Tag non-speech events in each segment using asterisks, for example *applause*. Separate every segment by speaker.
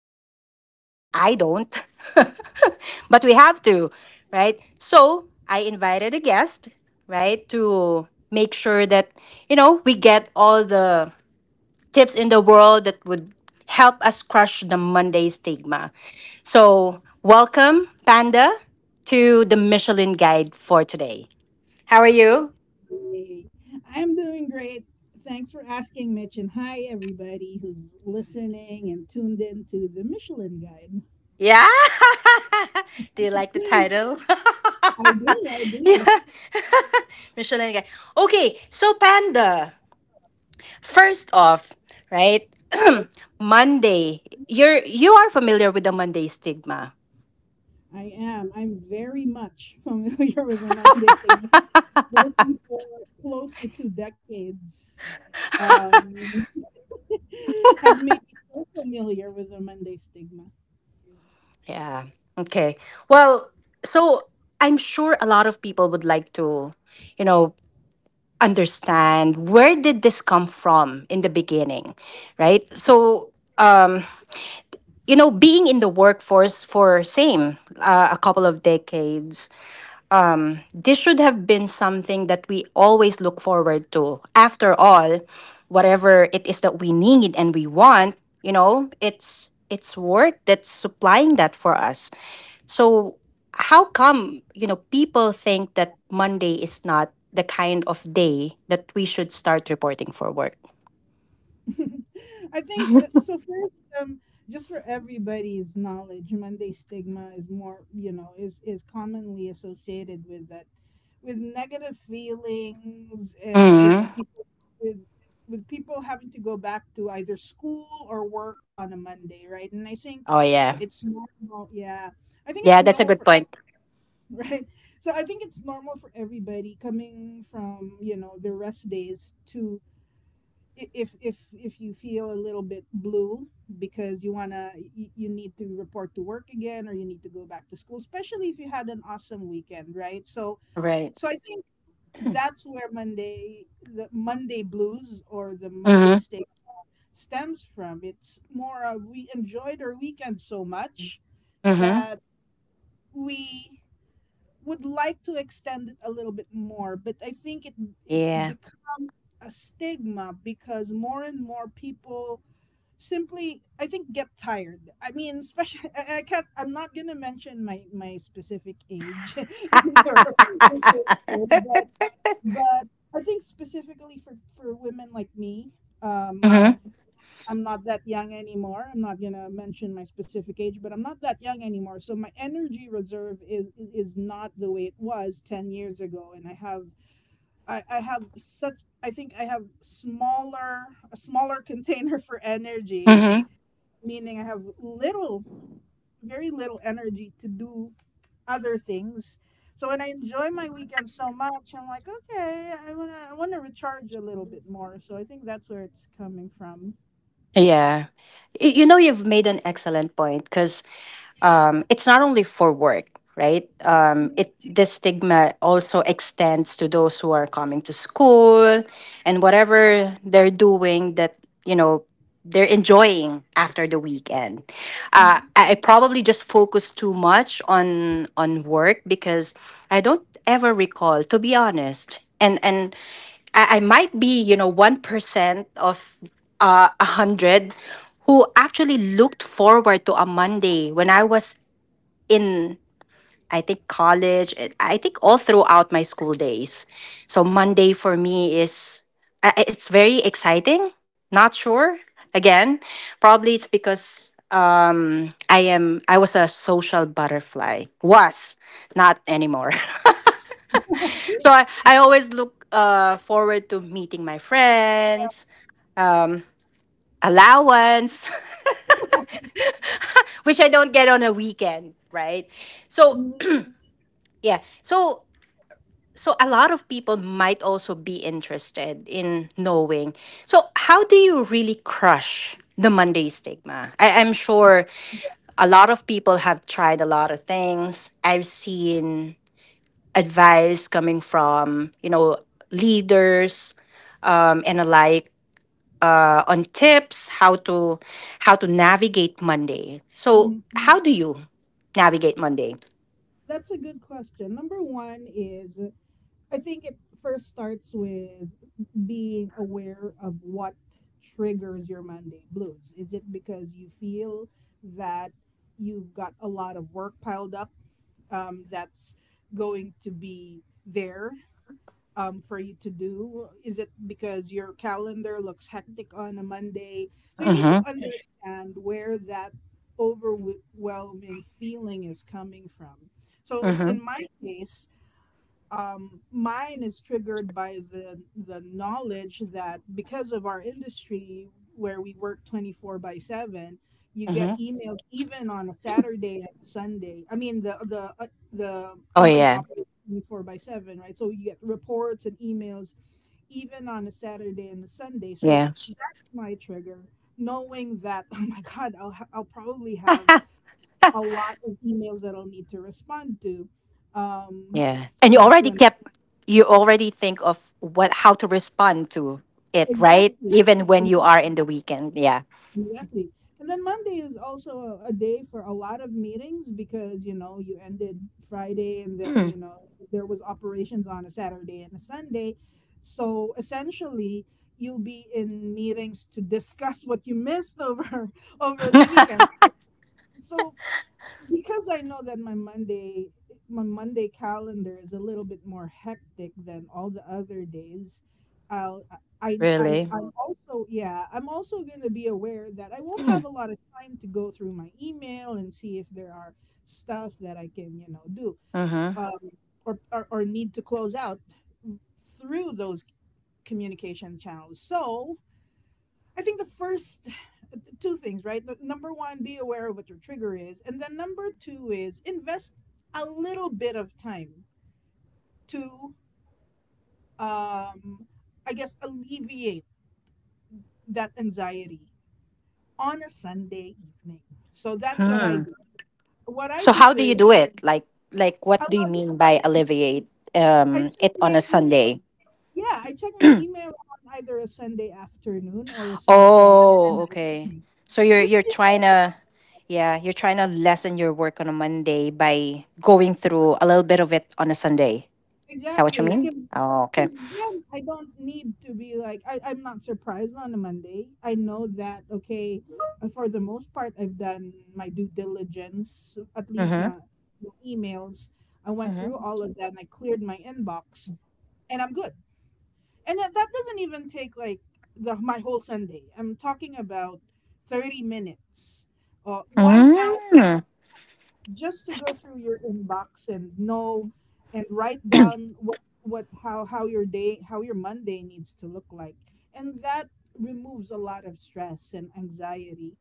Speaker 1: a Monday? I don't. *laughs* But we have to, right? So I invited a guest, right, to make sure that, we get all the tips in the world that would help us crush the Monday stigma. So, welcome, Panda, to the Michelin Guide for today. How are you?
Speaker 2: Hey, I'm doing great. Thanks for asking, Mitch. And hi, everybody who's listening and tuned in to the Michelin Guide.
Speaker 1: Yeah. *laughs* Do you like the
Speaker 2: *gasps* *laughs*
Speaker 1: title?
Speaker 2: I do, I
Speaker 1: *laughs*
Speaker 2: do.
Speaker 1: Yeah. *laughs* Michelin Guide. Okay, so Panda, first off, right? *clears throat* Monday, you are familiar with the Monday stigma.
Speaker 2: I am. I'm very much familiar *laughs* with the Monday Stigma. I think working for close to two decades, um, *laughs* has made me so familiar with the Monday Stigma.
Speaker 1: Yeah. Okay. Well, so I'm sure a lot of people would like to, you know, understand where did this come from in the beginning, right? So, um, being in the workforce for same a couple of decades, this should have been something that we always look forward to. After all, whatever it is that we need and we want, it's work that's supplying that for us. So how come, people think that Monday is not the kind of day that we should start reporting for work?
Speaker 2: *laughs* I think so. First, um, just for everybody's knowledge, Monday stigma is more, is commonly associated with that, with negative feelings, and
Speaker 1: Hmm.
Speaker 2: people with with people having to go back to either school or work on a Monday, right? And I think
Speaker 1: Oh, yeah.
Speaker 2: it's normal. Yeah, I think it's
Speaker 1: Yeah, that's a
Speaker 2: normal
Speaker 1: good
Speaker 2: for
Speaker 1: point.
Speaker 2: *laughs* right. So I think it's normal for everybody coming from their rest days to if you feel a little bit blue because you need to report to work again or you need to go back to school, especially if you had an awesome weekend, right? so
Speaker 1: Right.
Speaker 2: so i think that's where Monday, the Monday blues or the Monday
Speaker 1: Mm-hmm.
Speaker 2: state stems from. It's more of we enjoyed our weekend so much
Speaker 1: Mm-hmm.
Speaker 2: that we would like to extend it a little bit more. But I think it it's
Speaker 1: Yeah.
Speaker 2: become a stigma because more and more people simply, I think, get tired. I mean, especially *laughs* I can't, I'm not gonna mention my specific age *laughs*
Speaker 1: *laughs*
Speaker 2: in your show. But I think specifically for women like me, um
Speaker 1: Mm-hmm.
Speaker 2: I'm not that young anymore. I'm not gonna mention my specific age, but I'm not that young anymore. So my energy reserve is not the way it was 10 years ago. And I have I have such, I think I have smaller, a smaller *laughs* container for energy,
Speaker 1: Mm-hmm.
Speaker 2: meaning I have little, very little energy to do other things. So when I enjoy my weekend so much, I'm like, okay, I wanna recharge a little bit more. So I think that's where it's coming from.
Speaker 1: Yeah. You know, you've made an excellent point because it's not only for work, right?
Speaker 2: Mhm.
Speaker 1: It this stigma also extends to those who are coming to school and whatever they're doing that you know they're enjoying after the weekend. I probably just focus too much on work because I don't ever recall, to be honest. And I might be, 1% of 100 who actually looked forward to a Monday when I was in, I think, college, and I think all throughout my school days. So Monday for me is it's very exciting. Not sure again. Probably it's because I was a social butterfly. Was not anymore. *laughs* So I always look forward to meeting my friends. Um allowance *laughs* which I don't get on a weekend, right? So
Speaker 2: Mhm.
Speaker 1: yeah. So a lot of people might also be interested in knowing. So how do you really crush the Monday stigma? I'm sure a lot of people have tried a lot of things. I've seen advice coming from, leaders, and alike, on tips how to navigate Monday. So
Speaker 2: Mhm.
Speaker 1: how do you navigate Monday?
Speaker 2: That's a good question. Number one is, I think it first starts with being aware of what triggers your Monday blues. Is it because you feel that you've got a lot of work piled up, that's going to be there for you to do? Is it because your calendar looks hectic on a Monday? So you need to
Speaker 1: Mm-hmm.
Speaker 2: understand where that overwhelming feeling is coming from. So
Speaker 1: Mm-hmm.
Speaker 2: in my case, mine is triggered by the knowledge that because of our industry where we work 24 by 7, you get
Speaker 1: Mm-hmm.
Speaker 2: emails even on a Saturday and a Sunday. I mean, the
Speaker 1: Oh,
Speaker 2: company
Speaker 1: yeah.
Speaker 2: operates 24 by 7, right? So you get reports and emails even on a Saturday and a Sunday. So
Speaker 1: Yeah.
Speaker 2: that's my trigger, knowing that *laughs* oh my god, I'll probably have a lot of emails that I'll need to respond to, um,
Speaker 1: Yeah. And
Speaker 2: when
Speaker 1: you already think of what how to respond to it, right?
Speaker 2: Exactly.
Speaker 1: Even when you are
Speaker 2: Exactly.
Speaker 1: in the weekend. Yeah.
Speaker 2: Exactly. And then Monday is also a day for a lot of meetings because, you know, you ended Friday and then,
Speaker 1: Mm,
Speaker 2: you know, there was operations on a Saturday and a Sunday. So essentially, you'll be in meetings to discuss what you missed over *laughs* over the weekend. So because I know that my Monday, my Monday calendar is a little bit more hectic than all the other days, I'll
Speaker 1: really? *clears throat*
Speaker 2: I'm also, yeah, I'm also going to be aware that I won't have
Speaker 1: Mm,
Speaker 2: a lot of time to go through my email and see if there are stuff that I can, you know, do,
Speaker 1: mhm.
Speaker 2: um, or need to close out through those communication channels. So I think the first two things, right? Number one, be aware of what your trigger is. And then number two is invest a little bit of time to, um, I guess, alleviate that anxiety on a Sunday evening. So that's what I
Speaker 1: Hmm.
Speaker 2: do. What I
Speaker 1: So how
Speaker 2: do
Speaker 1: do you
Speaker 2: is
Speaker 1: do it? Like
Speaker 2: I
Speaker 1: what do you
Speaker 2: log in,
Speaker 1: mean by alleviate
Speaker 2: I check
Speaker 1: it on
Speaker 2: my
Speaker 1: a
Speaker 2: email.
Speaker 1: Sunday?
Speaker 2: Yeah, I check my email on either a Sunday afternoon or a
Speaker 1: Oh,
Speaker 2: Sunday
Speaker 1: okay.
Speaker 2: evening
Speaker 1: So you're
Speaker 2: just.
Speaker 1: you're trying to, yeah, you're trying to lessen your work on a Monday by going through a little bit of it on a Sunday. Is that what you
Speaker 2: Exactly,
Speaker 1: mean?
Speaker 2: because
Speaker 1: Oh, okay.
Speaker 2: then I don't need to be like I'm not surprised on a Monday. I know that, okay, for the most part, I've done my due diligence. At least
Speaker 1: Mhm.
Speaker 2: my, my emails, I went through
Speaker 1: Mhm.
Speaker 2: all of that and I cleared my inbox, and I'm good. And that doesn't even take like the my whole Sunday. I'm talking about 30 minutes, 1 hour,
Speaker 1: Mm.
Speaker 2: just to go through your inbox and know and write down what how your day, how your Monday needs to look like. And that removes a lot of stress and anxiety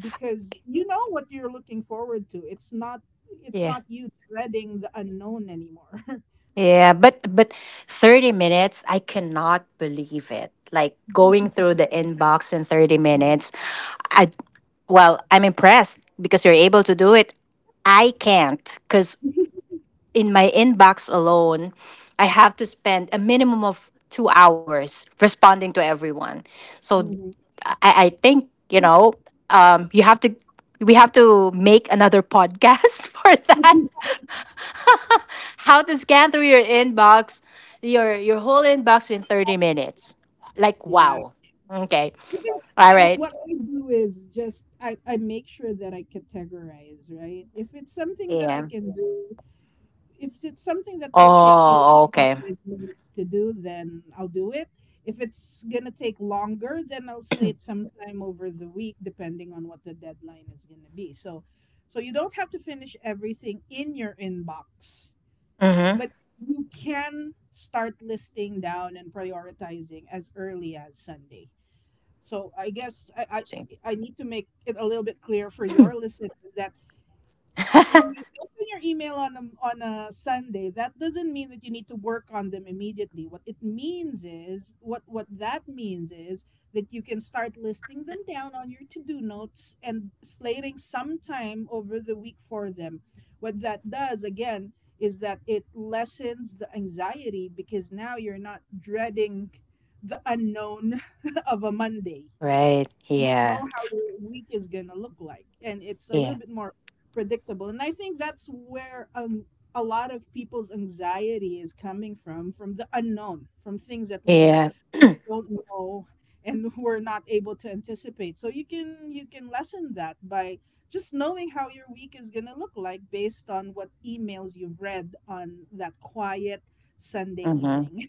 Speaker 2: because you know what you're looking forward to. It's not, it's
Speaker 1: Yeah.
Speaker 2: not you dreading the unknown anymore.
Speaker 1: Yeah, but 30 minutes, I cannot believe it. Like going
Speaker 2: *laughs*
Speaker 1: through the inbox in 30 minutes. I Well, I'm impressed because you're able to do it. I can't, cuz in my inbox alone, I have to spend a minimum of 2 hours responding to everyone. So
Speaker 2: Mhm.
Speaker 1: I think, you have to we have to make another podcast *laughs* for that. *laughs* How to scan through your inbox your whole inbox in 30 minutes. Like,
Speaker 2: Yeah, I
Speaker 1: wow. Okay.
Speaker 2: think
Speaker 1: All right.
Speaker 2: what I do is just, I make sure that I categorize, right? If it's something that I
Speaker 1: Yeah.
Speaker 2: can do, if it's something that will take me
Speaker 1: Oh,
Speaker 2: less than
Speaker 1: okay.
Speaker 2: 5 minutes to do, then I'll do it. If it's gonna take longer, then I'll slate sometime over the week, depending on what the deadline is gonna be. So, so you don't have to finish everything in your inbox,
Speaker 1: Mm-hmm.
Speaker 2: but you can start listing down and prioritizing as early as Sunday. So I guess
Speaker 1: See.
Speaker 2: I need to make it a little bit clear for your listeners that when you open your email on on a Sunday, that doesn't mean that you need to work on them immediately. What it means is what that means is that you can start listing them down on your to-do notes and slating some time over the week for them. What that does again is that it lessens the anxiety because now you're not dreading the unknown *laughs* of a Monday.
Speaker 1: Right.
Speaker 2: You know
Speaker 1: Yeah.
Speaker 2: how your week is going to look like and it's a little
Speaker 1: Yeah.
Speaker 2: bit more predictable. And I think that's where, a lot of people's anxiety is coming from the unknown, from things that we
Speaker 1: Yeah.
Speaker 2: don't know and *laughs* we're not able to anticipate. So you can, you can lessen that by just knowing how your week is going to look like based on what emails you've read on that quiet Sunday
Speaker 1: Mm-hmm.
Speaker 2: evening.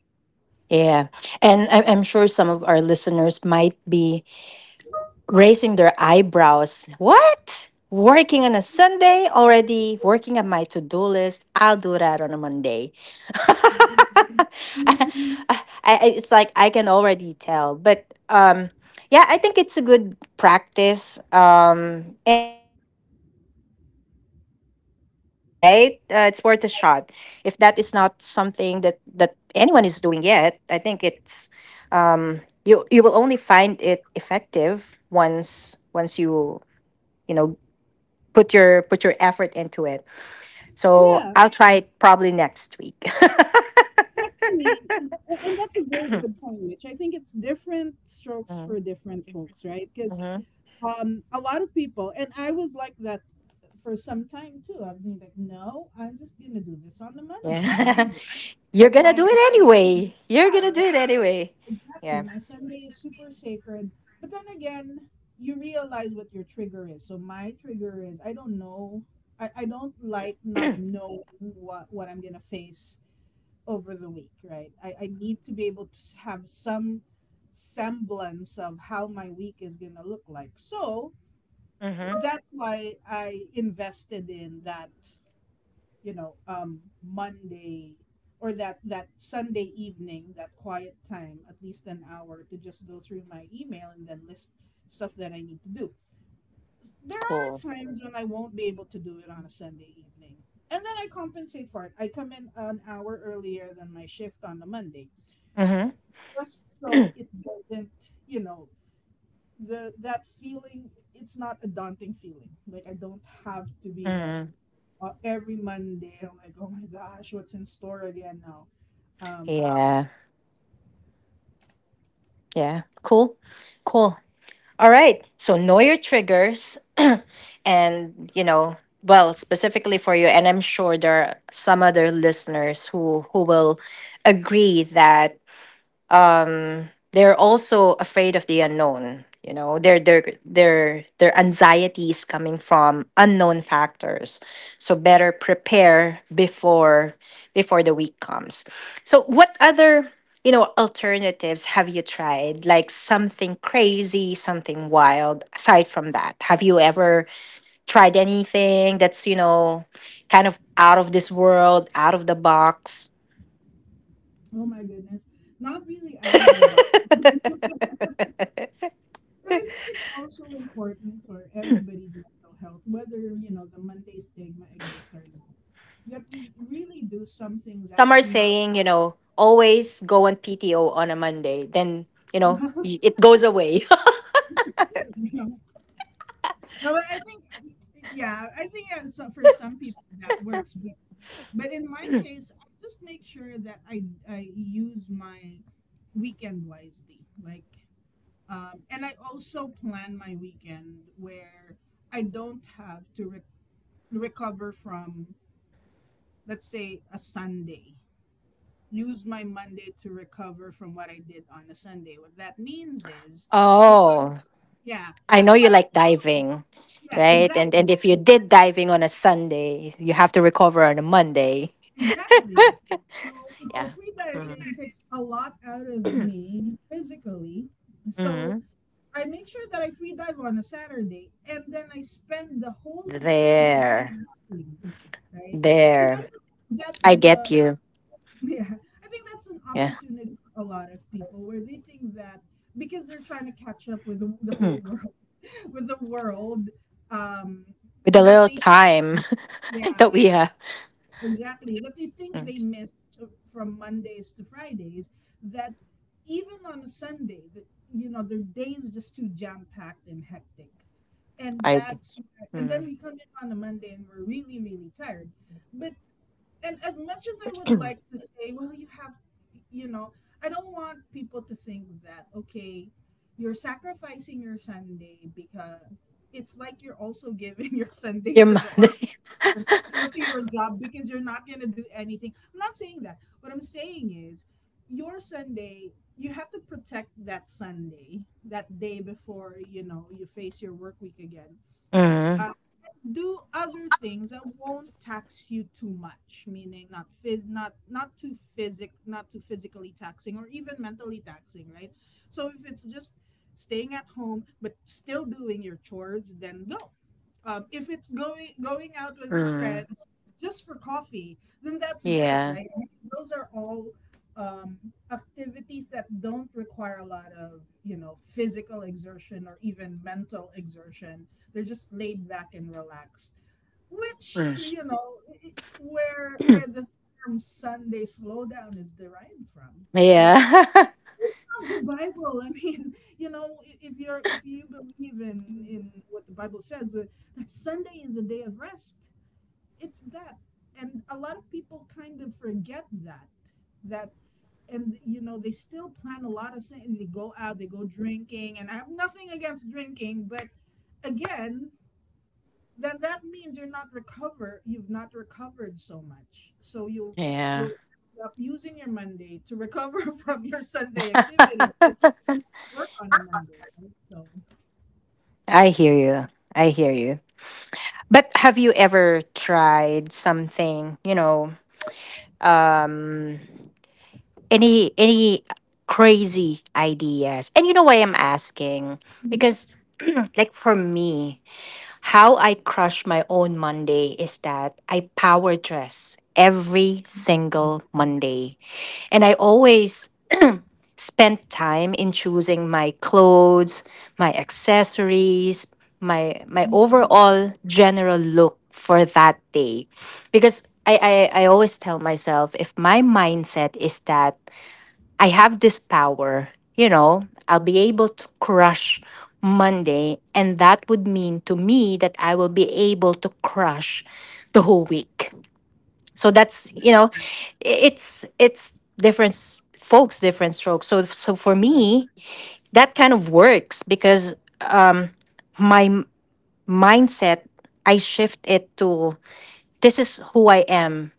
Speaker 1: Yeah. And I'm sure some of our listeners might be raising their eyebrows. What? Working on a Sunday already? Working on my to do list? I'll do that on a Monday. *laughs* It's like I can already tell. But yeah, I think it's a good practice. And it's worth a try, right? It's worth a shot. If that is not something that, that anyone is doing yet, I think it's. um, you will only find it effective once you you know put your effort into it.
Speaker 2: *laughs*
Speaker 1: So
Speaker 2: Yeah.
Speaker 1: I'll try it probably next week. *laughs*
Speaker 2: Exactly. And that's a very good point, Mitch. I think it's different strokes
Speaker 1: Mm-hmm.
Speaker 2: for different folks, right? Because
Speaker 1: Mm-hmm.
Speaker 2: a lot of people, and I was like that for some time too. I've been like, no, I'm just gonna do this on a Monday.
Speaker 1: Yeah.
Speaker 2: Monday,
Speaker 1: *laughs* You're
Speaker 2: like
Speaker 1: gonna do
Speaker 2: my,
Speaker 1: it anyway. You're gonna do
Speaker 2: yeah,
Speaker 1: it anyway.
Speaker 2: exactly.
Speaker 1: Yeah.
Speaker 2: My Sunday is super sacred. But then again, you realize what your trigger is. So my trigger is I don't know. I don't like not knowing what I'm gonna face over the week, right? I need to be able to have some semblance of how my week is going to look like. So
Speaker 1: Mm-hmm.
Speaker 2: that's why I invested in that, you know, Monday, that Sunday evening, that quiet time, at least an hour, to just go through my email and then list stuff that I need to do. There are
Speaker 1: Cool.
Speaker 2: times when I won't be able to do it on a Sunday evening. And then I compensate for it. I come in an hour earlier than my shift on a Monday
Speaker 1: Mm-hmm.
Speaker 2: just so it doesn't, you know, the that feeling. It's not a daunting feeling. Like I don't have to be like,
Speaker 1: Mm-hmm.
Speaker 2: every Monday, I'm like, oh my gosh, what's in store again now? Um,
Speaker 1: Yeah. Yeah. Cool. Cool. All right. So know your triggers. And well, specifically for you, and I'm sure there are some other listeners who will agree that, they're also afraid of the unknown. Their anxieties coming from unknown factors. So better prepare before the week comes. So what other, alternatives have you tried? Like, something crazy, something wild? Aside from that, have you ever tried anything that's, kind of out of this world, out of the box?
Speaker 2: oh my goodness, not really out of the
Speaker 1: *laughs*
Speaker 2: box. But I think it's also important for everybody's mental health, whether you know the Monday stigma exists or not, that we really do something
Speaker 1: Some are
Speaker 2: that's not
Speaker 1: saying, always go on PTO on a Monday, then,
Speaker 2: *laughs*
Speaker 1: it goes away.
Speaker 2: you know, no, but I think, yeah, I think so, for some people that works, but in my case, I just make sure that I use my weekend wisely, like, and I also plan my weekend where I don't have to recover from, let's say, a Sunday. Use my Monday to recover from what I did on a Sunday. What that means is,
Speaker 1: *laughs*
Speaker 2: if I,
Speaker 1: Oh,
Speaker 2: yeah,
Speaker 1: I know
Speaker 2: if I
Speaker 1: you
Speaker 2: only,
Speaker 1: like diving,
Speaker 2: yeah,
Speaker 1: right? and
Speaker 2: exactly.
Speaker 1: and if you did diving on a Sunday, you have to recover on a Monday.
Speaker 2: Exactly. So, so
Speaker 1: Yeah.
Speaker 2: free
Speaker 1: Hmm.
Speaker 2: diving takes a lot out of me physically. So
Speaker 1: Hmm.
Speaker 2: I make sure that I free dive on a Saturday and then I spend the whole of Sunday just
Speaker 1: There,
Speaker 2: resting, right? Because I
Speaker 1: there.
Speaker 2: think that's
Speaker 1: I get
Speaker 2: the,
Speaker 1: you.
Speaker 2: *laughs* yeah, I think that's an
Speaker 1: Yeah.
Speaker 2: opportunity for a lot of people where they think that because they're trying to catch up with the whole world,
Speaker 1: *clears throat*
Speaker 2: *laughs* with the world, um,
Speaker 1: With a
Speaker 2: that
Speaker 1: little
Speaker 2: they,
Speaker 1: time. Oh,
Speaker 2: yeah,
Speaker 1: yeah.
Speaker 2: exactly. That they think
Speaker 1: Mm.
Speaker 2: they missed uh, from Mondays to Fridays, that even on a Sunday, that, you know, their day is just too jam packed and hectic. And
Speaker 1: I d-
Speaker 2: that's where- and then
Speaker 1: mm,
Speaker 2: we come in on a Monday and we're really, really tired. But, and as much as I would like to say, well, you have you know, I don't want people to think that okay, you're sacrificing your Sunday, because it's like you're also giving *laughs* your Sunday
Speaker 1: your
Speaker 2: to the
Speaker 1: Monday.
Speaker 2: profession or to your job, because you're not going to do anything. I'm not saying that. What I'm saying is your Sunday, you have to protect that Sunday, that day before, you face your work week again.
Speaker 1: *laughs* Mm.
Speaker 2: Uh, do other things that won't tax you too much, meaning not not not too physic not too physically taxing, or even mentally taxing, right? So if it's just staying at home but still doing your chores, then go. If it's going out with
Speaker 1: Mm.
Speaker 2: friends just for coffee, then that's great,
Speaker 1: Yeah.
Speaker 2: right? Those are all um, activities that don't require a lot of, you know, physical exertion or even mental exertion. They're just laid back and relaxed,
Speaker 1: Mm.
Speaker 2: which, where the term Sunday slowdown is derived from. So,
Speaker 1: Yeah.
Speaker 2: of the Bible. I mean, *laughs* if you're if you believe in what the Bible says, that Sunday is a day of rest. It's that, and a lot of people kind of forget that. And you know they still plan a lot of things. They go out, they go drinking, and I have nothing against drinking, but again, then that means you've not recovered so much, so
Speaker 1: *laughs* Yeah.
Speaker 2: you'll end up using your Monday to recover *laughs* from your Sunday
Speaker 1: *laughs*
Speaker 2: activities, which you don't work on a Monday, right? So,
Speaker 1: I hear you. I hear you. But have you ever tried something? You know, um, any crazy ideas? And you know why I'm asking, because, *clears throat* like, for me, how I crush my own Monday is that I power dress every single Monday. And I always spent time in choosing my clothes, my accessories, my
Speaker 2: mhm.
Speaker 1: overall general look for that day. Because I always tell myself, if my mindset is that I have this power, I'll be able to crush Monday. And that would mean to me that I will be able to crush the whole week. So that's, it's different folks, different strokes. So for
Speaker 2: Correct.
Speaker 1: me, that kind of works because my mindset, I shift it to, this is who I am.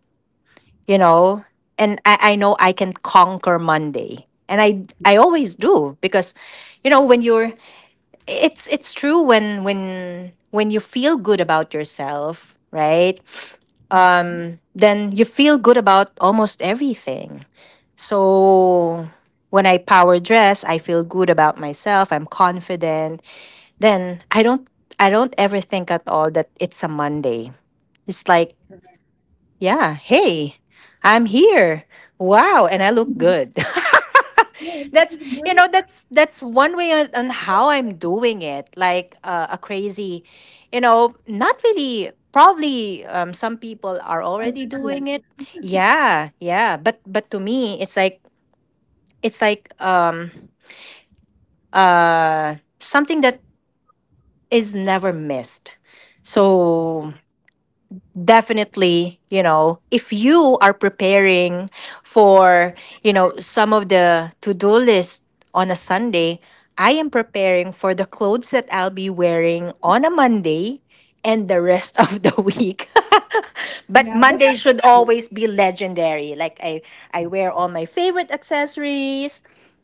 Speaker 1: you know and I know I can conquer Monday, and I always do. Because, when you're it's true, when you feel good about yourself, right?
Speaker 2: Mhm.
Speaker 1: Then you feel good about almost everything. So when I power dress, I feel good about myself. I'm confident. Then I don't ever think at all that it's a Monday. It's like,
Speaker 2: Correct.
Speaker 1: yeah, hey, I'm here. Wow, and I look good. *laughs*
Speaker 2: Yes, it
Speaker 1: that's
Speaker 2: is a
Speaker 1: you
Speaker 2: great
Speaker 1: know that's one way on, how I'm doing it. Like, a crazy, not really. Probably some people are
Speaker 2: a
Speaker 1: already
Speaker 2: ritual.
Speaker 1: doing it. Yeah, yeah. But to me, it's like it's like um something that is never missed.
Speaker 2: Yeah.
Speaker 1: So definitely, if you are preparing for, you know, some of the to-do list on a Sunday, I am preparing for the clothes that I'll be wearing on a Monday and the rest of the *laughs* week. *laughs* But
Speaker 2: Yeah, but
Speaker 1: Monday
Speaker 2: that's
Speaker 1: should always be legendary. Like, I — I wear all my favorite accessories.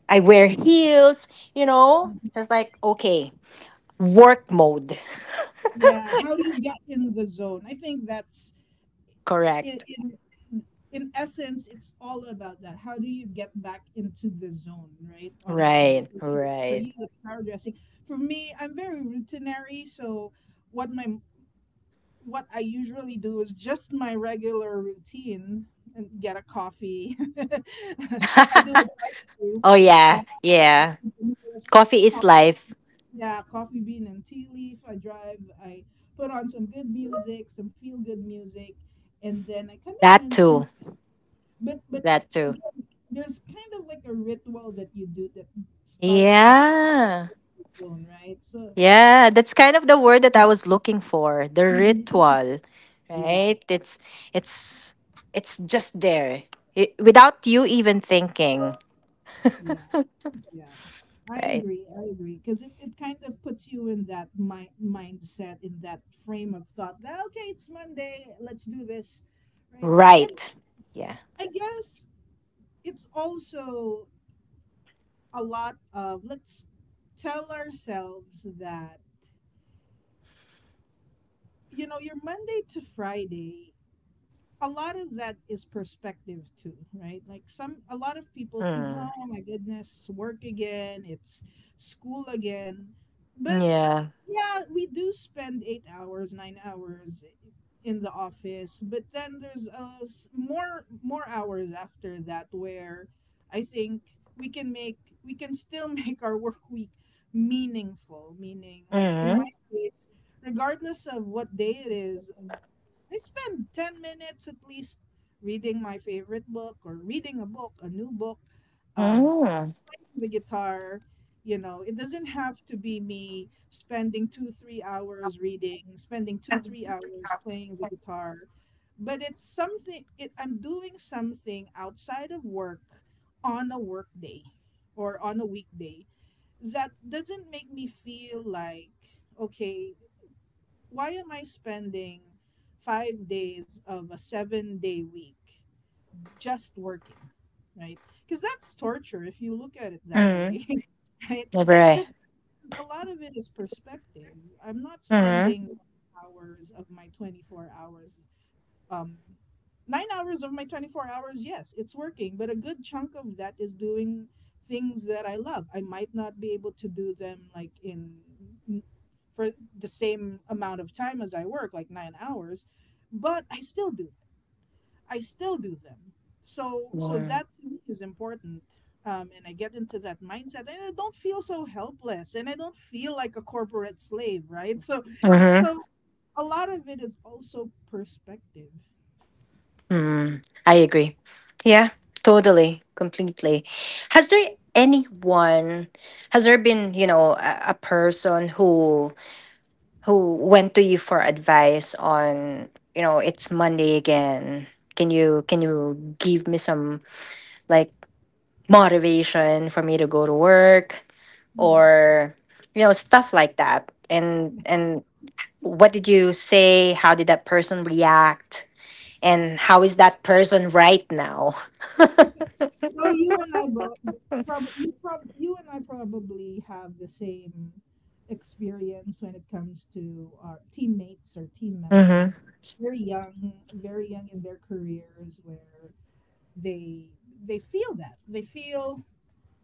Speaker 1: I wear heels.
Speaker 2: mhm.
Speaker 1: It's like, okay. Work mode.
Speaker 2: Yeah. How do you get in the zone? I think that's in,
Speaker 1: Correct.
Speaker 2: in in essence, it's all about that. How do you get back into the zone, right, on a Monday?
Speaker 1: Right.
Speaker 2: So for
Speaker 1: Right.
Speaker 2: you, it's power dressing. For me, I'm very routinary. So what my what I usually do is just my regular routine and get a coffee. *laughs* I do
Speaker 1: *laughs*
Speaker 2: it too.
Speaker 1: Oh, yeah.
Speaker 2: Um,
Speaker 1: Yeah. Coffee is life.
Speaker 2: yeah, coffee bean and tea leaf. I drive. I put on some good music, some feel good music, and then I come in
Speaker 1: That
Speaker 2: and
Speaker 1: too.
Speaker 2: but
Speaker 1: That too.
Speaker 2: again, there's kind of like a ritual that you do that starts
Speaker 1: Yeah.
Speaker 2: the zone, right? So
Speaker 1: Yeah, that's kind of the word that I was looking for, the
Speaker 2: mhm.
Speaker 1: ritual,
Speaker 2: Yeah,
Speaker 1: right? It's it's just there, without you even thinking.
Speaker 2: yeah, yeah. I
Speaker 1: Right?
Speaker 2: agree. I agree, because it kind of puts you in that mindset, in that frame of thought. That, okay, it's Monday. Let's do this, right? And
Speaker 1: Right. Yeah.
Speaker 2: I guess it's also a lot of, let's tell ourselves that, you know, your Monday to Friday, a lot of that is perspective too, right? Like some a lot of people think,
Speaker 1: Mm.
Speaker 2: "Oh my goodness, work again, it's school again." But
Speaker 1: Yeah.
Speaker 2: yeah, we do spend 8 hours, 9 hours in the office, but then there's more hours after that where I think we can still *laughs* make our work week meaningful, meaning, like in my
Speaker 1: Mm.
Speaker 2: case, regardless of what day it is, I spend 10 minutes at least reading my favorite book, or reading a book, a new book, um,
Speaker 1: Mm.
Speaker 2: playing the guitar. You know, it doesn't have to be me spending two, 3 hours reading, spending two, 3 hours playing the guitar. But it's something, I'm doing something outside of work, on a work day or on a weekday, that doesn't make me feel like, okay, why am I spending 5 days of a seven-day week just working, right? Because that's torture if you look at it that
Speaker 1: Mm.
Speaker 2: way, *laughs* right?
Speaker 1: Never.
Speaker 2: But a lot of it is perspective. I'm not
Speaker 1: Mm.
Speaker 2: spending hours of my 24 hours, um, 9 hours of my 24 hours, yes, it's working, but a good chunk of that is doing things that I love. I might not be able to do them like in for the same amount of time as I work, like 9 hours, but I still do. I still do them. So, so that to me is important. And I get into that mindset, and I don't feel so helpless, and I don't feel like a corporate slave, right? So,
Speaker 1: Mm.
Speaker 2: so a lot of it is also perspective.
Speaker 1: Hmm. I agree. Yeah, totally, completely. Has there anyone? Has there been, a, person who went to you for advice on, it's Monday again. Can you give me some, like, motivation for me to go to work,
Speaker 2: Hmm.
Speaker 1: or stuff like that? And what did you say? How did that person react? And how is that person right now? *laughs*
Speaker 2: Well, you and I both, probably you prob you and I probably have the same experience when it comes to our teammates or team
Speaker 1: Mm-hmm.
Speaker 2: members. Very young in their careers, where they they feel that they feel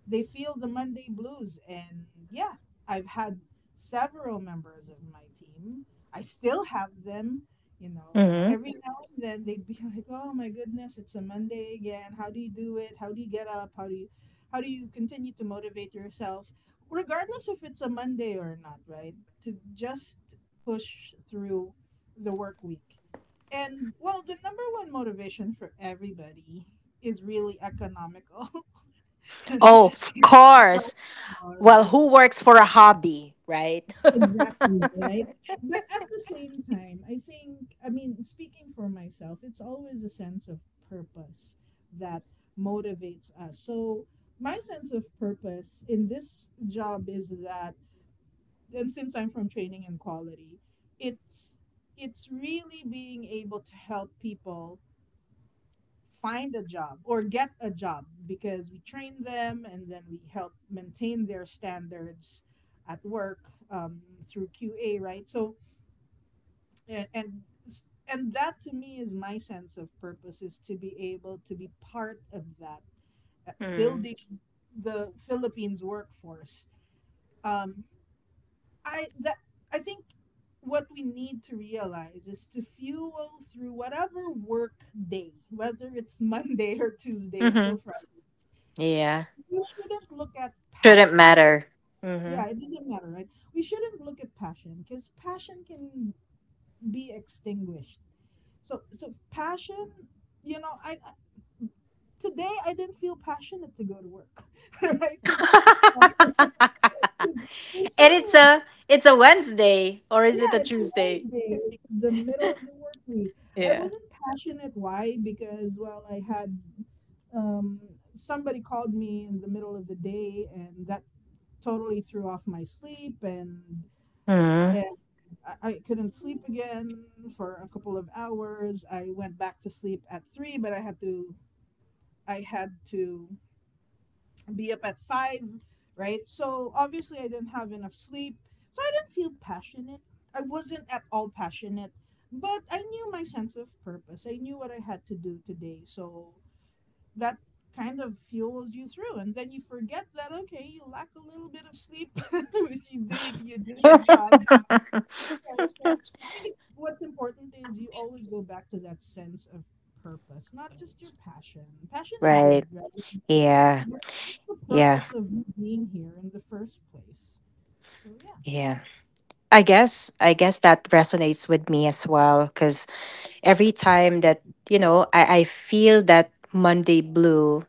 Speaker 2: they feel the Monday blues. And yeah, I've had several members of my team. I still have them, you know.
Speaker 1: Mm-hmm.
Speaker 2: Every now and then they'd be *laughs* like, "Oh my goodness, it's a Monday again. How do you do it? How do you get up? How do you continue to motivate yourself regardless if it's a Monday or not, right? To just push through the work week." And well, the number one motivation for everybody is really economical.
Speaker 1: Oh, of course.
Speaker 2: *laughs* All
Speaker 1: Well,
Speaker 2: right.
Speaker 1: who works for a hobby, right?
Speaker 2: Exactly,
Speaker 1: *laughs*
Speaker 2: right? But at the same time, I think, I mean, speaking for myself, it's always a sense of purpose that motivates us. So, my sense of purpose in this job is that, and since I'm from training and quality, it's it's really being able to help people find a job or get a job, because we train them and then we help maintain their standards at work, um, through QA, right? So, and that to me, is my sense of purpose is to be able to be part of that,
Speaker 1: Mm.
Speaker 2: building the Philippines workforce. Um, I that I think what we need to realize is to fuel through whatever work day, whether it's Monday *laughs* or Tuesday until
Speaker 1: Mm-hmm.
Speaker 2: Friday,
Speaker 1: Yeah.
Speaker 2: we shouldn't look at
Speaker 1: Shouldn't
Speaker 2: passion.
Speaker 1: matter. Mm-hmm.
Speaker 2: Yeah, it doesn't matter, right? We shouldn't look at passion, because passion can be extinguished. So, so passion, you know, I I- today I didn't feel passionate to go to work, *laughs* right?
Speaker 1: *laughs*
Speaker 2: Because for
Speaker 1: And
Speaker 2: some,
Speaker 1: it's a Wednesday, or is it a
Speaker 2: yeah, it's
Speaker 1: Tuesday?
Speaker 2: Wednesday. It's the middle of
Speaker 1: *laughs*
Speaker 2: the work week. I
Speaker 1: Yeah.
Speaker 2: wasn't passionate. Why? Because, well, I had um, somebody called me in the middle of the day, and that totally threw off my sleep and
Speaker 1: Mm-hmm.
Speaker 2: and I couldn't sleep again for a couple of hours. I went back to sleep at three, but I had to I had to be up at five, right? So obviously I didn't have enough sleep. So I didn't feel passionate. I wasn't at all passionate. But I knew my sense of purpose. I knew what I had to do today. So that kind of fuels you through, and then you forget that okay, you lack a little bit of sleep, *laughs* which you did the job. Yeah, so I think it's, what's important is you always go back to that sense of purpose, not just your passion. Passion
Speaker 1: *laughs*
Speaker 2: is
Speaker 1: Right.
Speaker 2: good, right?
Speaker 1: Yeah.
Speaker 2: But what's the
Speaker 1: Yeah.
Speaker 2: purpose of you being here in the first place? So yeah.
Speaker 1: Yeah. I guess that resonates with me as well because. Every time that I feel that Monday blue,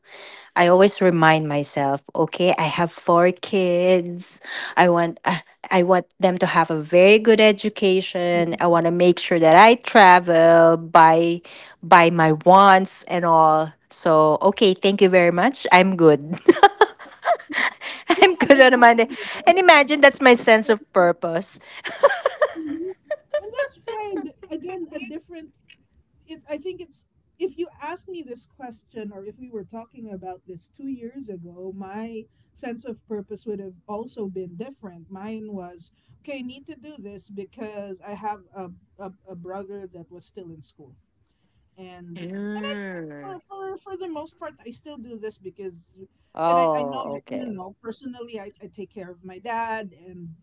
Speaker 1: I always remind myself, okay, I have four kids. i want i I want them to have a very good
Speaker 2: Yeah,
Speaker 1: education. I want to make sure that I travel, buy my wants and all. So, okay, thank you very much, I'm good. *laughs* I'm good on a
Speaker 2: exactly,
Speaker 1: Monday.
Speaker 2: right?
Speaker 1: And imagine, that's my sense of purpose. *laughs*
Speaker 2: Mhm. And that's fine. Again, a different I think it's, if you asked me this question, or if we were talking about this 2 years ago, my sense of purpose would have also been different. Mine was, okay, I need to do this because I have a brother that was still in school, and and I s-
Speaker 1: Mm.
Speaker 2: for the most part I still do this because, and I know
Speaker 1: Oh,
Speaker 2: that, you
Speaker 1: okay.
Speaker 2: know, personally, I take care of my dad, and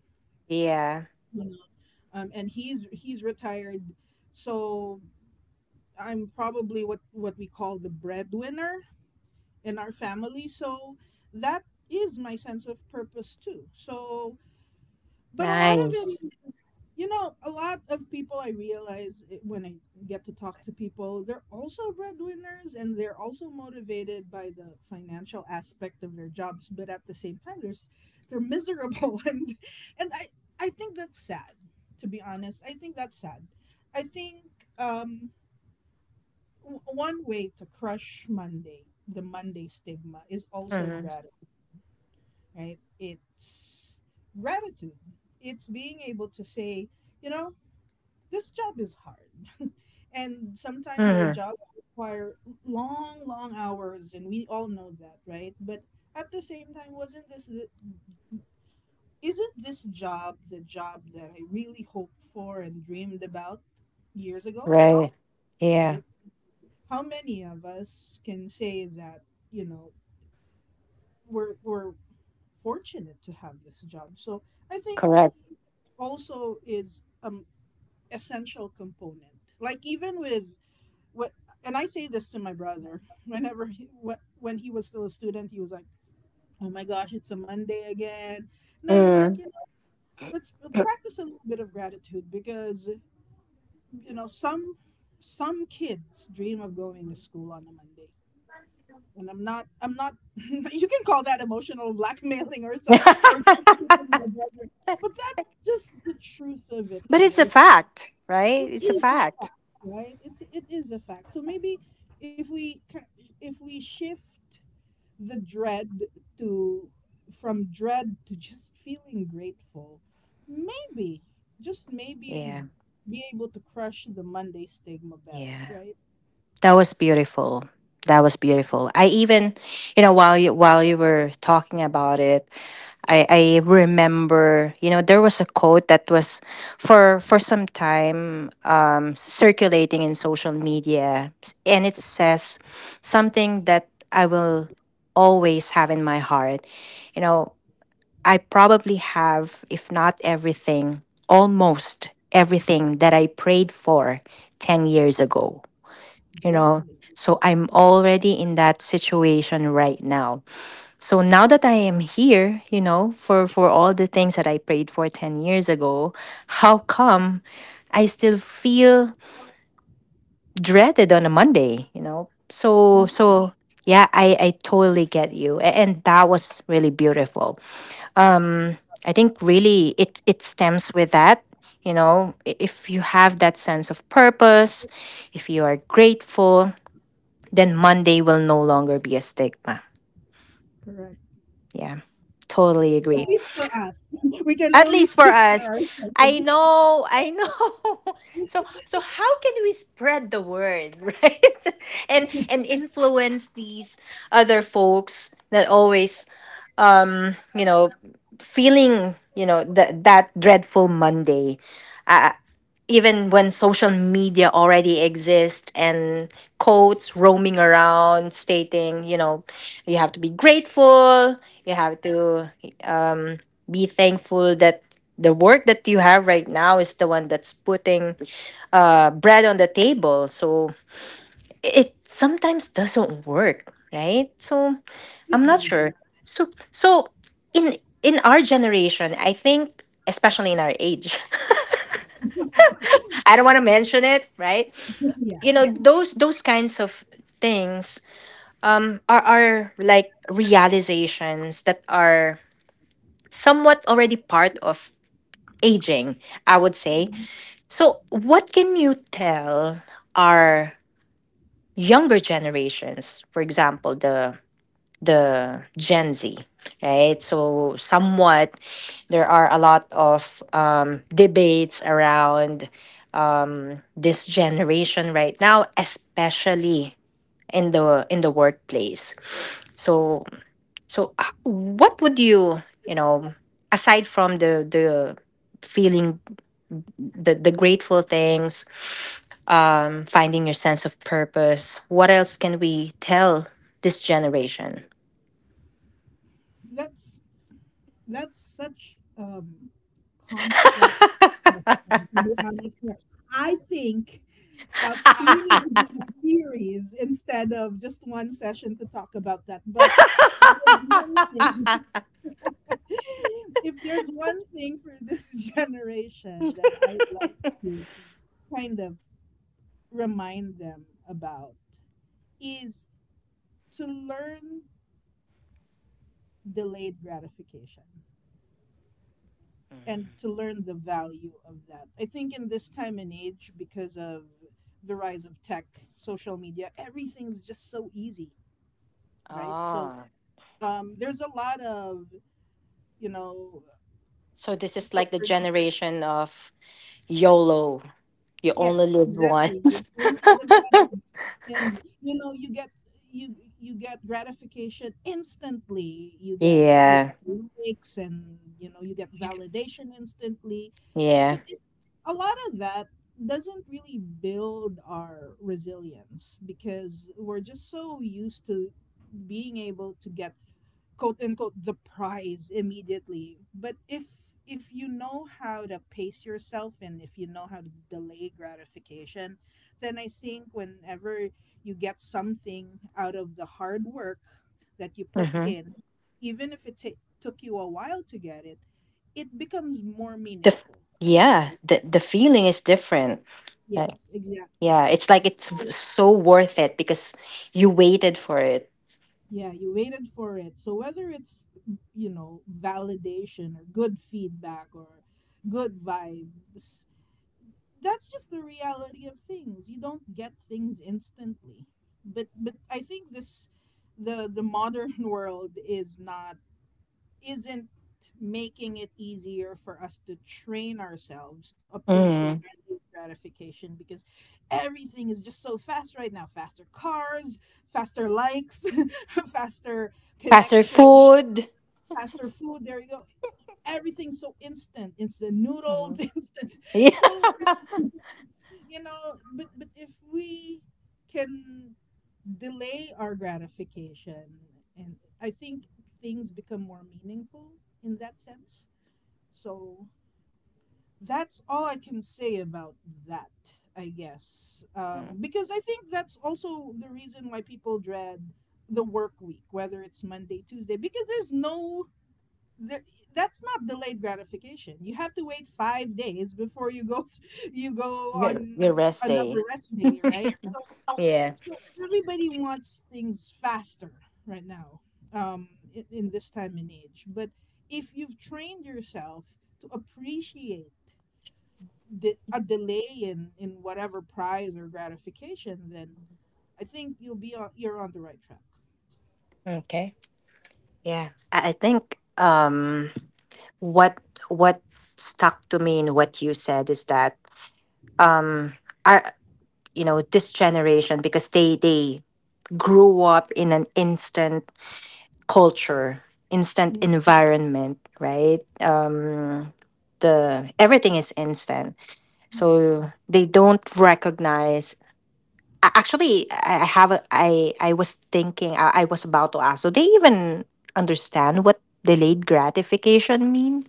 Speaker 1: Yeah,
Speaker 2: you know, and he's retired, so I'm probably what we call the breadwinner in our family, so that is my sense of purpose too. So, but a lot of
Speaker 1: nice.
Speaker 2: it, you know, a lot of people I realize it- when I get to talk to people, they're also breadwinners and they're also motivated by the financial aspect of their jobs, but at the same time, there's they're miserable *laughs* and and I I think that's sad. To be honest, I think that's sad. I think, um one way to crush Monday, the Monday stigma, is also
Speaker 1: Mhm,
Speaker 2: gratitude, right? It's gratitude. It's being able to say, you know, this job is hard. *laughs* And sometimes our
Speaker 1: mhm.
Speaker 2: jobs require long, long hours, and we all know that, right? But at the same time, wasn't this the, isn't this job the job that I really hoped for and dreamed about years ago,
Speaker 1: Right. Yeah,
Speaker 2: right? How many of us can say that, you know, we're fortunate to have this job. So I think
Speaker 1: correct.
Speaker 2: also is, essential component. Like, even with what, and I say this to my brother *laughs* whenever when he was still a student, he was like, "Oh my gosh, it's a Monday again." And I'm like, you
Speaker 1: Mm.
Speaker 2: know, let's practice a little bit of gratitude, because you know some kids dream of going to school on a Monday. And I'm not, *laughs* you can call that emotional blackmailing or some, or
Speaker 1: *laughs*
Speaker 2: guilt-tripping my brother. But that's just the truth of it
Speaker 1: But
Speaker 2: all.
Speaker 1: it's
Speaker 2: I
Speaker 1: a
Speaker 2: think
Speaker 1: fact, right?
Speaker 2: it
Speaker 1: It's a
Speaker 2: is a
Speaker 1: fact.
Speaker 2: fact, right? It is a fact. So maybe if we shift the dread to from dread to just feeling grateful, maybe, just maybe, we'd
Speaker 1: Yeah,
Speaker 2: be able to crush the Monday stigma better,
Speaker 1: yeah.
Speaker 2: right?
Speaker 1: That was beautiful. That was beautiful. I even, you know, while you were talking about it, I remember, you know, there was a quote that was for some time, circulating in social media. And it says something that I will always have in my heart. You know, I probably have, if not everything, almost everything that I prayed for 10 years ago. You know,
Speaker 2: Exactly.
Speaker 1: so I'm already in that situation right now. So now that I am here, you know, for all the things that I prayed for 10 years ago, how come I still feel dreaded on a Monday, you know? So
Speaker 2: Yeah,
Speaker 1: so yeah, I totally get you. And that was really beautiful. Um I think really it stems with that, you know, if you have that sense of purpose, if you are grateful, then Monday will no longer be a stigma.
Speaker 2: correct.
Speaker 1: Yeah. Totally
Speaker 2: At
Speaker 1: agree.
Speaker 2: least for us. *laughs* We can
Speaker 1: At
Speaker 2: only
Speaker 1: least for
Speaker 2: speak for
Speaker 1: us. I
Speaker 2: ourselves. *laughs* Yeah,
Speaker 1: know, I know. *laughs* So how can we spread the word, *laughs* right? And influence these other folks that always, you know, feeling, you know, that dreadful Monday. I, even when social media already exists and quotes roaming around stating, you know, you have to be grateful, you have to, um, be thankful that the work that you have right now is the one that's putting, bread on the table. So it sometimes doesn't work, right? So I'm
Speaker 2: it
Speaker 1: not sure.
Speaker 2: doesn't.
Speaker 1: So in in our generation, I think, especially in our age. *laughs* I don't want to mention it, right?
Speaker 2: Yeah.
Speaker 1: You know, those kinds of things, are like realizations that are somewhat already part of aging, I would say. So what can you tell our younger generations, for example the Gen Z, right? So, somewhat, there are a lot of, debates around, this generation right now, especially in the workplace. So so h- what would you, you know, aside from the feeling, the grateful things, finding your sense of purpose, what else can we tell this generation?
Speaker 2: That's that's such complex question,
Speaker 1: *laughs*
Speaker 2: to be honest. Yeah. I think we need to do a series instead of just one session to talk about that. But there's one thing *laughs* if there's one thing for this *laughs* generation that I'd like to kind of remind them about is to learn delayed gratification and to learn the value of that. I think in this time and age, because of the rise of tech, social media, everything's just so easy. So,
Speaker 1: Ah,
Speaker 2: there's a lot of, you know,
Speaker 1: so this is
Speaker 2: so
Speaker 1: like the
Speaker 2: for
Speaker 1: generation of YOLO. You only
Speaker 2: yes,
Speaker 1: live
Speaker 2: exactly. You
Speaker 1: once. *laughs*
Speaker 2: only live once, and you know you get gratification instantly. You get you
Speaker 1: Yeah,
Speaker 2: get likes, and you know you get validation instantly.
Speaker 1: yeah.
Speaker 2: But a lot of that doesn't really build our resilience, because we're just so used to being able to get, quote unquote, the prize immediately. But if you know how to pace yourself, and if you know how to delay gratification, then I think whenever you get something out of the hard work that you put
Speaker 1: Mm-hmm.
Speaker 2: in, even if it ta took you a while to get it becomes more
Speaker 1: The f-
Speaker 2: meaningful,
Speaker 1: yeah,
Speaker 2: right?
Speaker 1: the feeling is different. Like,
Speaker 2: Yes, exactly.
Speaker 1: yeah, it's like so worth it because you waited for it.
Speaker 2: Yeah, you waited for it. So whether it's validation or good feedback or good vibes, that's just the reality of things. You don't get things instantly. But I think this the modern *laughs* world is not isn't making it easier for us to train ourselves to appreciate
Speaker 1: Mm.
Speaker 2: delayed gratification, because everything is just so fast right now. Faster cars, faster likes, *laughs* faster
Speaker 1: Faster
Speaker 2: connection,
Speaker 1: food.
Speaker 2: faster food, there you go. Everything's so instant, instant noodles,
Speaker 1: Mhm.
Speaker 2: *laughs* instant.
Speaker 1: *laughs* Yeah.
Speaker 2: So, but if we can delay our gratification, and I think things become more meaningful in that sense. So that's all I can say about that, I guess.
Speaker 1: Mm.
Speaker 2: Because I think that's also the reason why people dread the work week, whether it's Monday, Tuesday, because there's no. There, that's not delayed gratification. You have to wait 5 days before you go *laughs* you go
Speaker 1: Your,
Speaker 2: on
Speaker 1: your rest
Speaker 2: another
Speaker 1: day.
Speaker 2: rest day, right? So,
Speaker 1: Yeah.
Speaker 2: so everybody wants things faster right now, um, in this time and age. But if you've trained yourself to appreciate a delay in whatever prize or gratification, then I think you're on the right track.
Speaker 1: Okay. Yeah. I think. What what stuck to me in what you said is that, um our you know this generation, because they grew up in an instant culture, instant
Speaker 2: Mm.
Speaker 1: environment, right? The everything is instant, so they don't recognize. Actually, I was thinking. I was about to ask, so they even understand what delayed gratification means,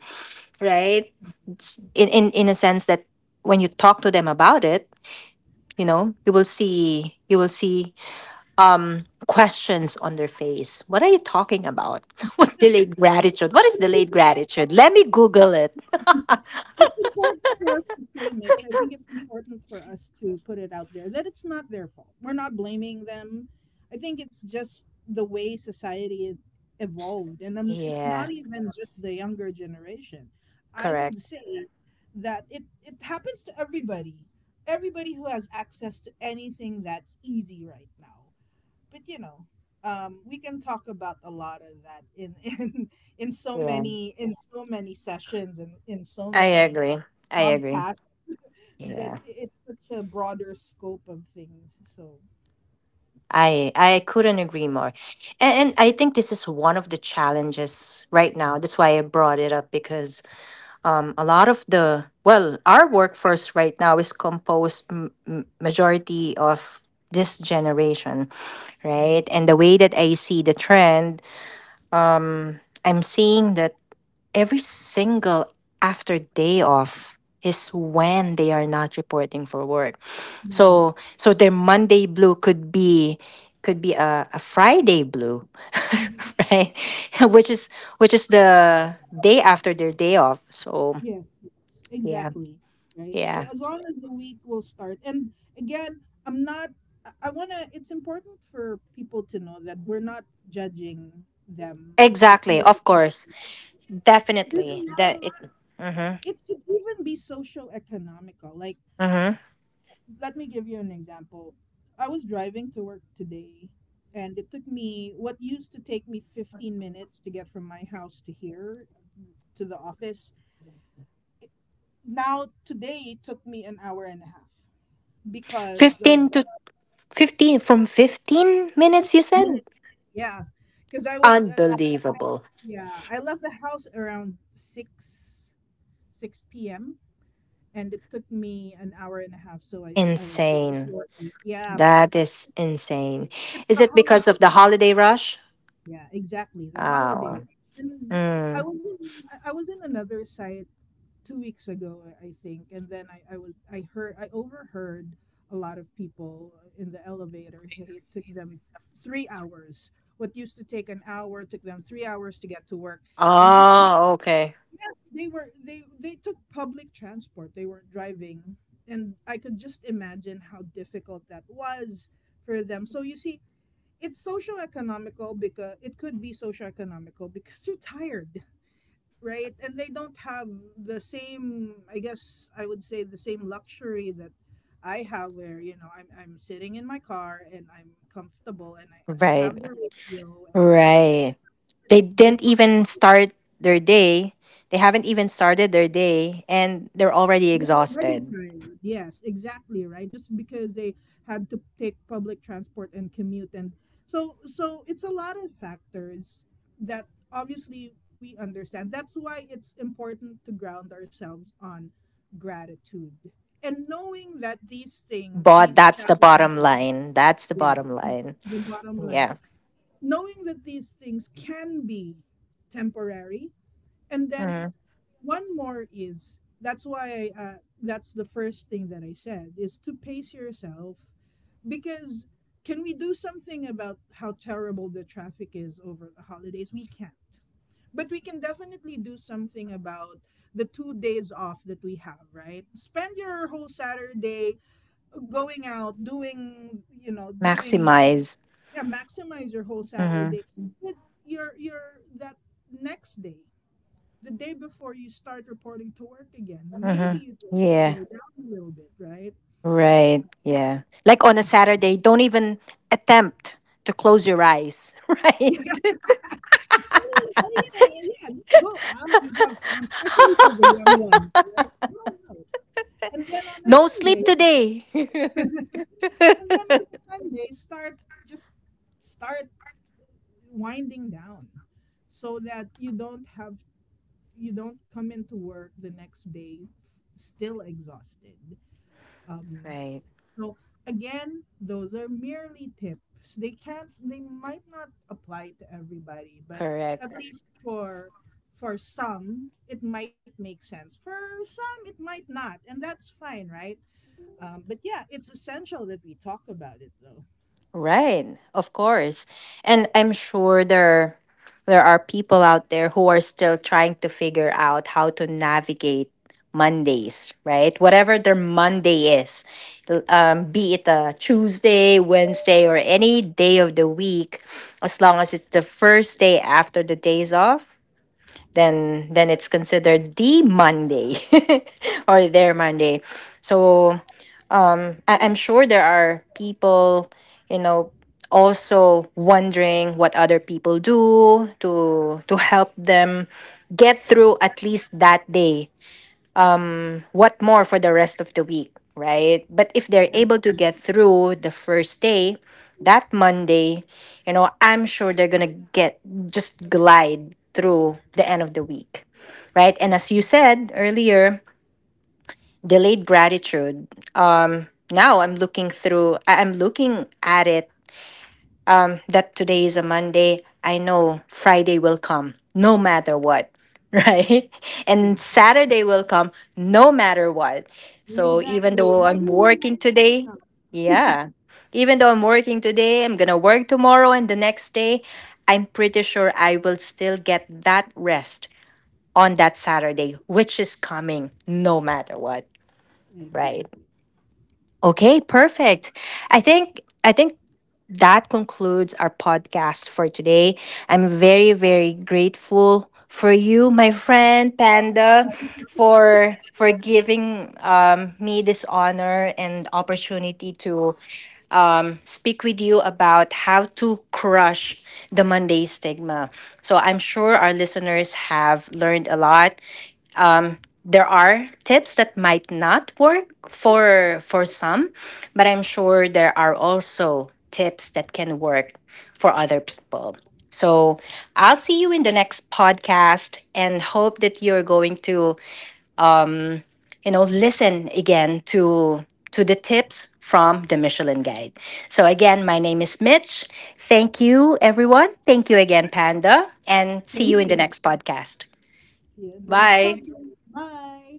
Speaker 1: right? In a sense that when you talk to them about it, you know, you will see, questions on their face. What are you talking about? *laughs* What delayed gratitude? What is delayed gratitude? Let me Google it. *laughs*
Speaker 2: It's important for us to say, Mitch. I think it's important for us to put it out there that it's not their fault. We're not blaming them. I think it's just the way society evolved, and it's
Speaker 1: Yeah,
Speaker 2: not even just the younger generation. I
Speaker 1: correct.
Speaker 2: would say that it happens to everybody. Everybody who has access to anything that's easy right now. But we can talk about a lot of that in *laughs* in in so
Speaker 1: Yeah,
Speaker 2: many in so many sessions, and in so
Speaker 1: I
Speaker 2: many
Speaker 1: agree. I agree.
Speaker 2: podcasts. But
Speaker 1: Yeah,
Speaker 2: it's such a broader scope of things, so.
Speaker 1: I couldn't agree more, and I think this is one of the challenges right now. That's why I brought it up, because, a lot of the well, our workforce right now is composed, majority of this generation,
Speaker 2: Mhm.
Speaker 1: right, and the way that I see the trend, I'm seeing that every single after day off is when they are not reporting for work.
Speaker 2: Mhm.
Speaker 1: So their Monday blue could be, a Friday blue.
Speaker 2: Mhm.
Speaker 1: *laughs* Right. *laughs* Which is the day after their day off. So
Speaker 2: Yes, yes,
Speaker 1: yeah.
Speaker 2: exactly, right. So,
Speaker 1: Yeah.
Speaker 2: as long as the week will start. And again, I'm not I, I want to. It's important for people to know that we're not judging them for
Speaker 1: Exactly,
Speaker 2: feeling.
Speaker 1: of course.
Speaker 2: There's a
Speaker 1: Definitely.
Speaker 2: lot
Speaker 1: That
Speaker 2: of.
Speaker 1: it Mhm.
Speaker 2: It could even be socio-economical. Like,
Speaker 1: Mhm.
Speaker 2: let me give you an example. I was driving to work today, and it took me, what used to take me 15 minutes to get from my house to here, to the office. it- Now today it took me an hour and a half, because of.
Speaker 1: 15 to 15 from 15 minutes, you said?
Speaker 2: Minutes, yeah. Because I was,
Speaker 1: Unbelievable.
Speaker 2: yeah, I left the house around 6 p.m., and it took me an hour and a half, so I was here
Speaker 1: Insane.
Speaker 2: before eight. Yeah,
Speaker 1: That is insane.
Speaker 2: it's
Speaker 1: Is
Speaker 2: the
Speaker 1: it because
Speaker 2: holiday.
Speaker 1: of the holiday rush?
Speaker 2: Yeah, exactly. The holiday
Speaker 1: Oh.
Speaker 2: rush. And I
Speaker 1: Mm.
Speaker 2: was in I was in another site 2 weeks ago, I think, and then I was I heard I overheard a lot of people in the elevator. Hey, it took them 3 hours. What used to take an hour took them 3 hours to get to work. And these people,
Speaker 1: Oh, okay.
Speaker 2: yes, they took public transport. They weren't driving, and I could just imagine how difficult that was for them. So you see, it's social economical, because it could be social economical, because you're tired, right? And they don't have the same I guess I would say the same luxury that I have where, I'm sitting in my car and I'm comfortable and I
Speaker 1: Right.
Speaker 2: have the radio and
Speaker 1: Right. They
Speaker 2: sit.
Speaker 1: didn't even start their day. They haven't even started their day and they're already
Speaker 2: They're already
Speaker 1: exhausted.
Speaker 2: tired. Yes, exactly, right? Just because they had to take public transport and commute, and so it's a lot of factors that obviously we understand. That's why it's important to ground ourselves on gratitude, and knowing that these things,
Speaker 1: But
Speaker 2: these
Speaker 1: that's the bottom
Speaker 2: challenges,
Speaker 1: line. That's the
Speaker 2: yeah,
Speaker 1: bottom line.
Speaker 2: the bottom line,
Speaker 1: Yeah.
Speaker 2: knowing that these things can be temporary. And then
Speaker 1: Mhm.
Speaker 2: one more is, that's why, that's the first thing that I said, is to pace yourself, because can we do something about how terrible the traffic is over the holidays? We can't. But we can definitely do something about the 2 days off that we have, right? Spend your whole Saturday going out, doing, doing,
Speaker 1: Maximize.
Speaker 2: yeah, maximize your whole
Speaker 1: Hmm,
Speaker 2: Saturday. But that next day, the day before you start reporting to work again. Maybe
Speaker 1: hmm.
Speaker 2: you need to
Speaker 1: Yeah.
Speaker 2: slow down a little bit, right?
Speaker 1: Right. Yeah. Like on a
Speaker 2: *laughs*
Speaker 1: Saturday, don't even attempt to close your eyes. *laughs*
Speaker 2: Yeah.
Speaker 1: Right. *laughs*
Speaker 2: Oh, yeah, yeah. Just go out and have fun, especially for the young ones, right? Go out. And then on a
Speaker 1: No sleep
Speaker 2: Sunday,
Speaker 1: today. *laughs*
Speaker 2: and then on a Sunday, just start winding down, so that you don't come into work the next day, still exhausted. Um,
Speaker 1: Right.
Speaker 2: So again, those are merely tips. They might not apply to everybody, but at
Speaker 1: Correct.
Speaker 2: least for some it might make sense. For some it might not, and that's fine, right? But yeah, it's essential that we talk about it though.
Speaker 1: Right, of course. And I'm sure there are people out there who are still trying to figure out how to navigate Mondays, right? Whatever their Monday is, be it a Tuesday, Wednesday, or any day of the week, as long as it's the first day after the days off, then it's considered the Monday *laughs* or their Monday. So I'm sure there are people, you know, also wondering what other people do to help them get through at least that day. What more for the rest of the week, right? But if they're able to get through the first day, that Monday, you know, I'm sure they're going to get, just glide through the end of the week, right? And
Speaker 2: Absolutely.
Speaker 1: as you said earlier, delayed gratitude, now I'm looking at it, that today is a Monday. I know Friday will come no matter what. *laughs* Right. And Saturday will come no matter what. So even
Speaker 2: Exactly.
Speaker 1: though I'm
Speaker 2: Whether we
Speaker 1: working
Speaker 2: like it or
Speaker 1: today,
Speaker 2: not.
Speaker 1: yeah, even though I'm working today, I'm gonna work tomorrow and the next day. I'm pretty sure I will still get that rest on that Saturday, which is coming no matter what, right?
Speaker 2: Exactly.
Speaker 1: Okay, perfect. I think that concludes our podcast for today. I'm very, very grateful for you, my friend Panda, for giving, me this honor and opportunity to, speak with you about how to crush the Monday stigma. So I'm sure our listeners have learned a lot. There are tips that might not work for some, but I'm sure there are also tips that can work for other people. So, I'll see you in the next podcast, and hope that you're going to, you know, listen again to the tips from the Michelin Guide. So again, my name is Mitch. Thank you, everyone. Thank you again, Panda, and see you
Speaker 2: Thank
Speaker 1: in
Speaker 2: you,
Speaker 1: the
Speaker 2: Miss.
Speaker 1: next podcast.
Speaker 2: See you in the next
Speaker 1: Bye.
Speaker 2: podcast. Bye.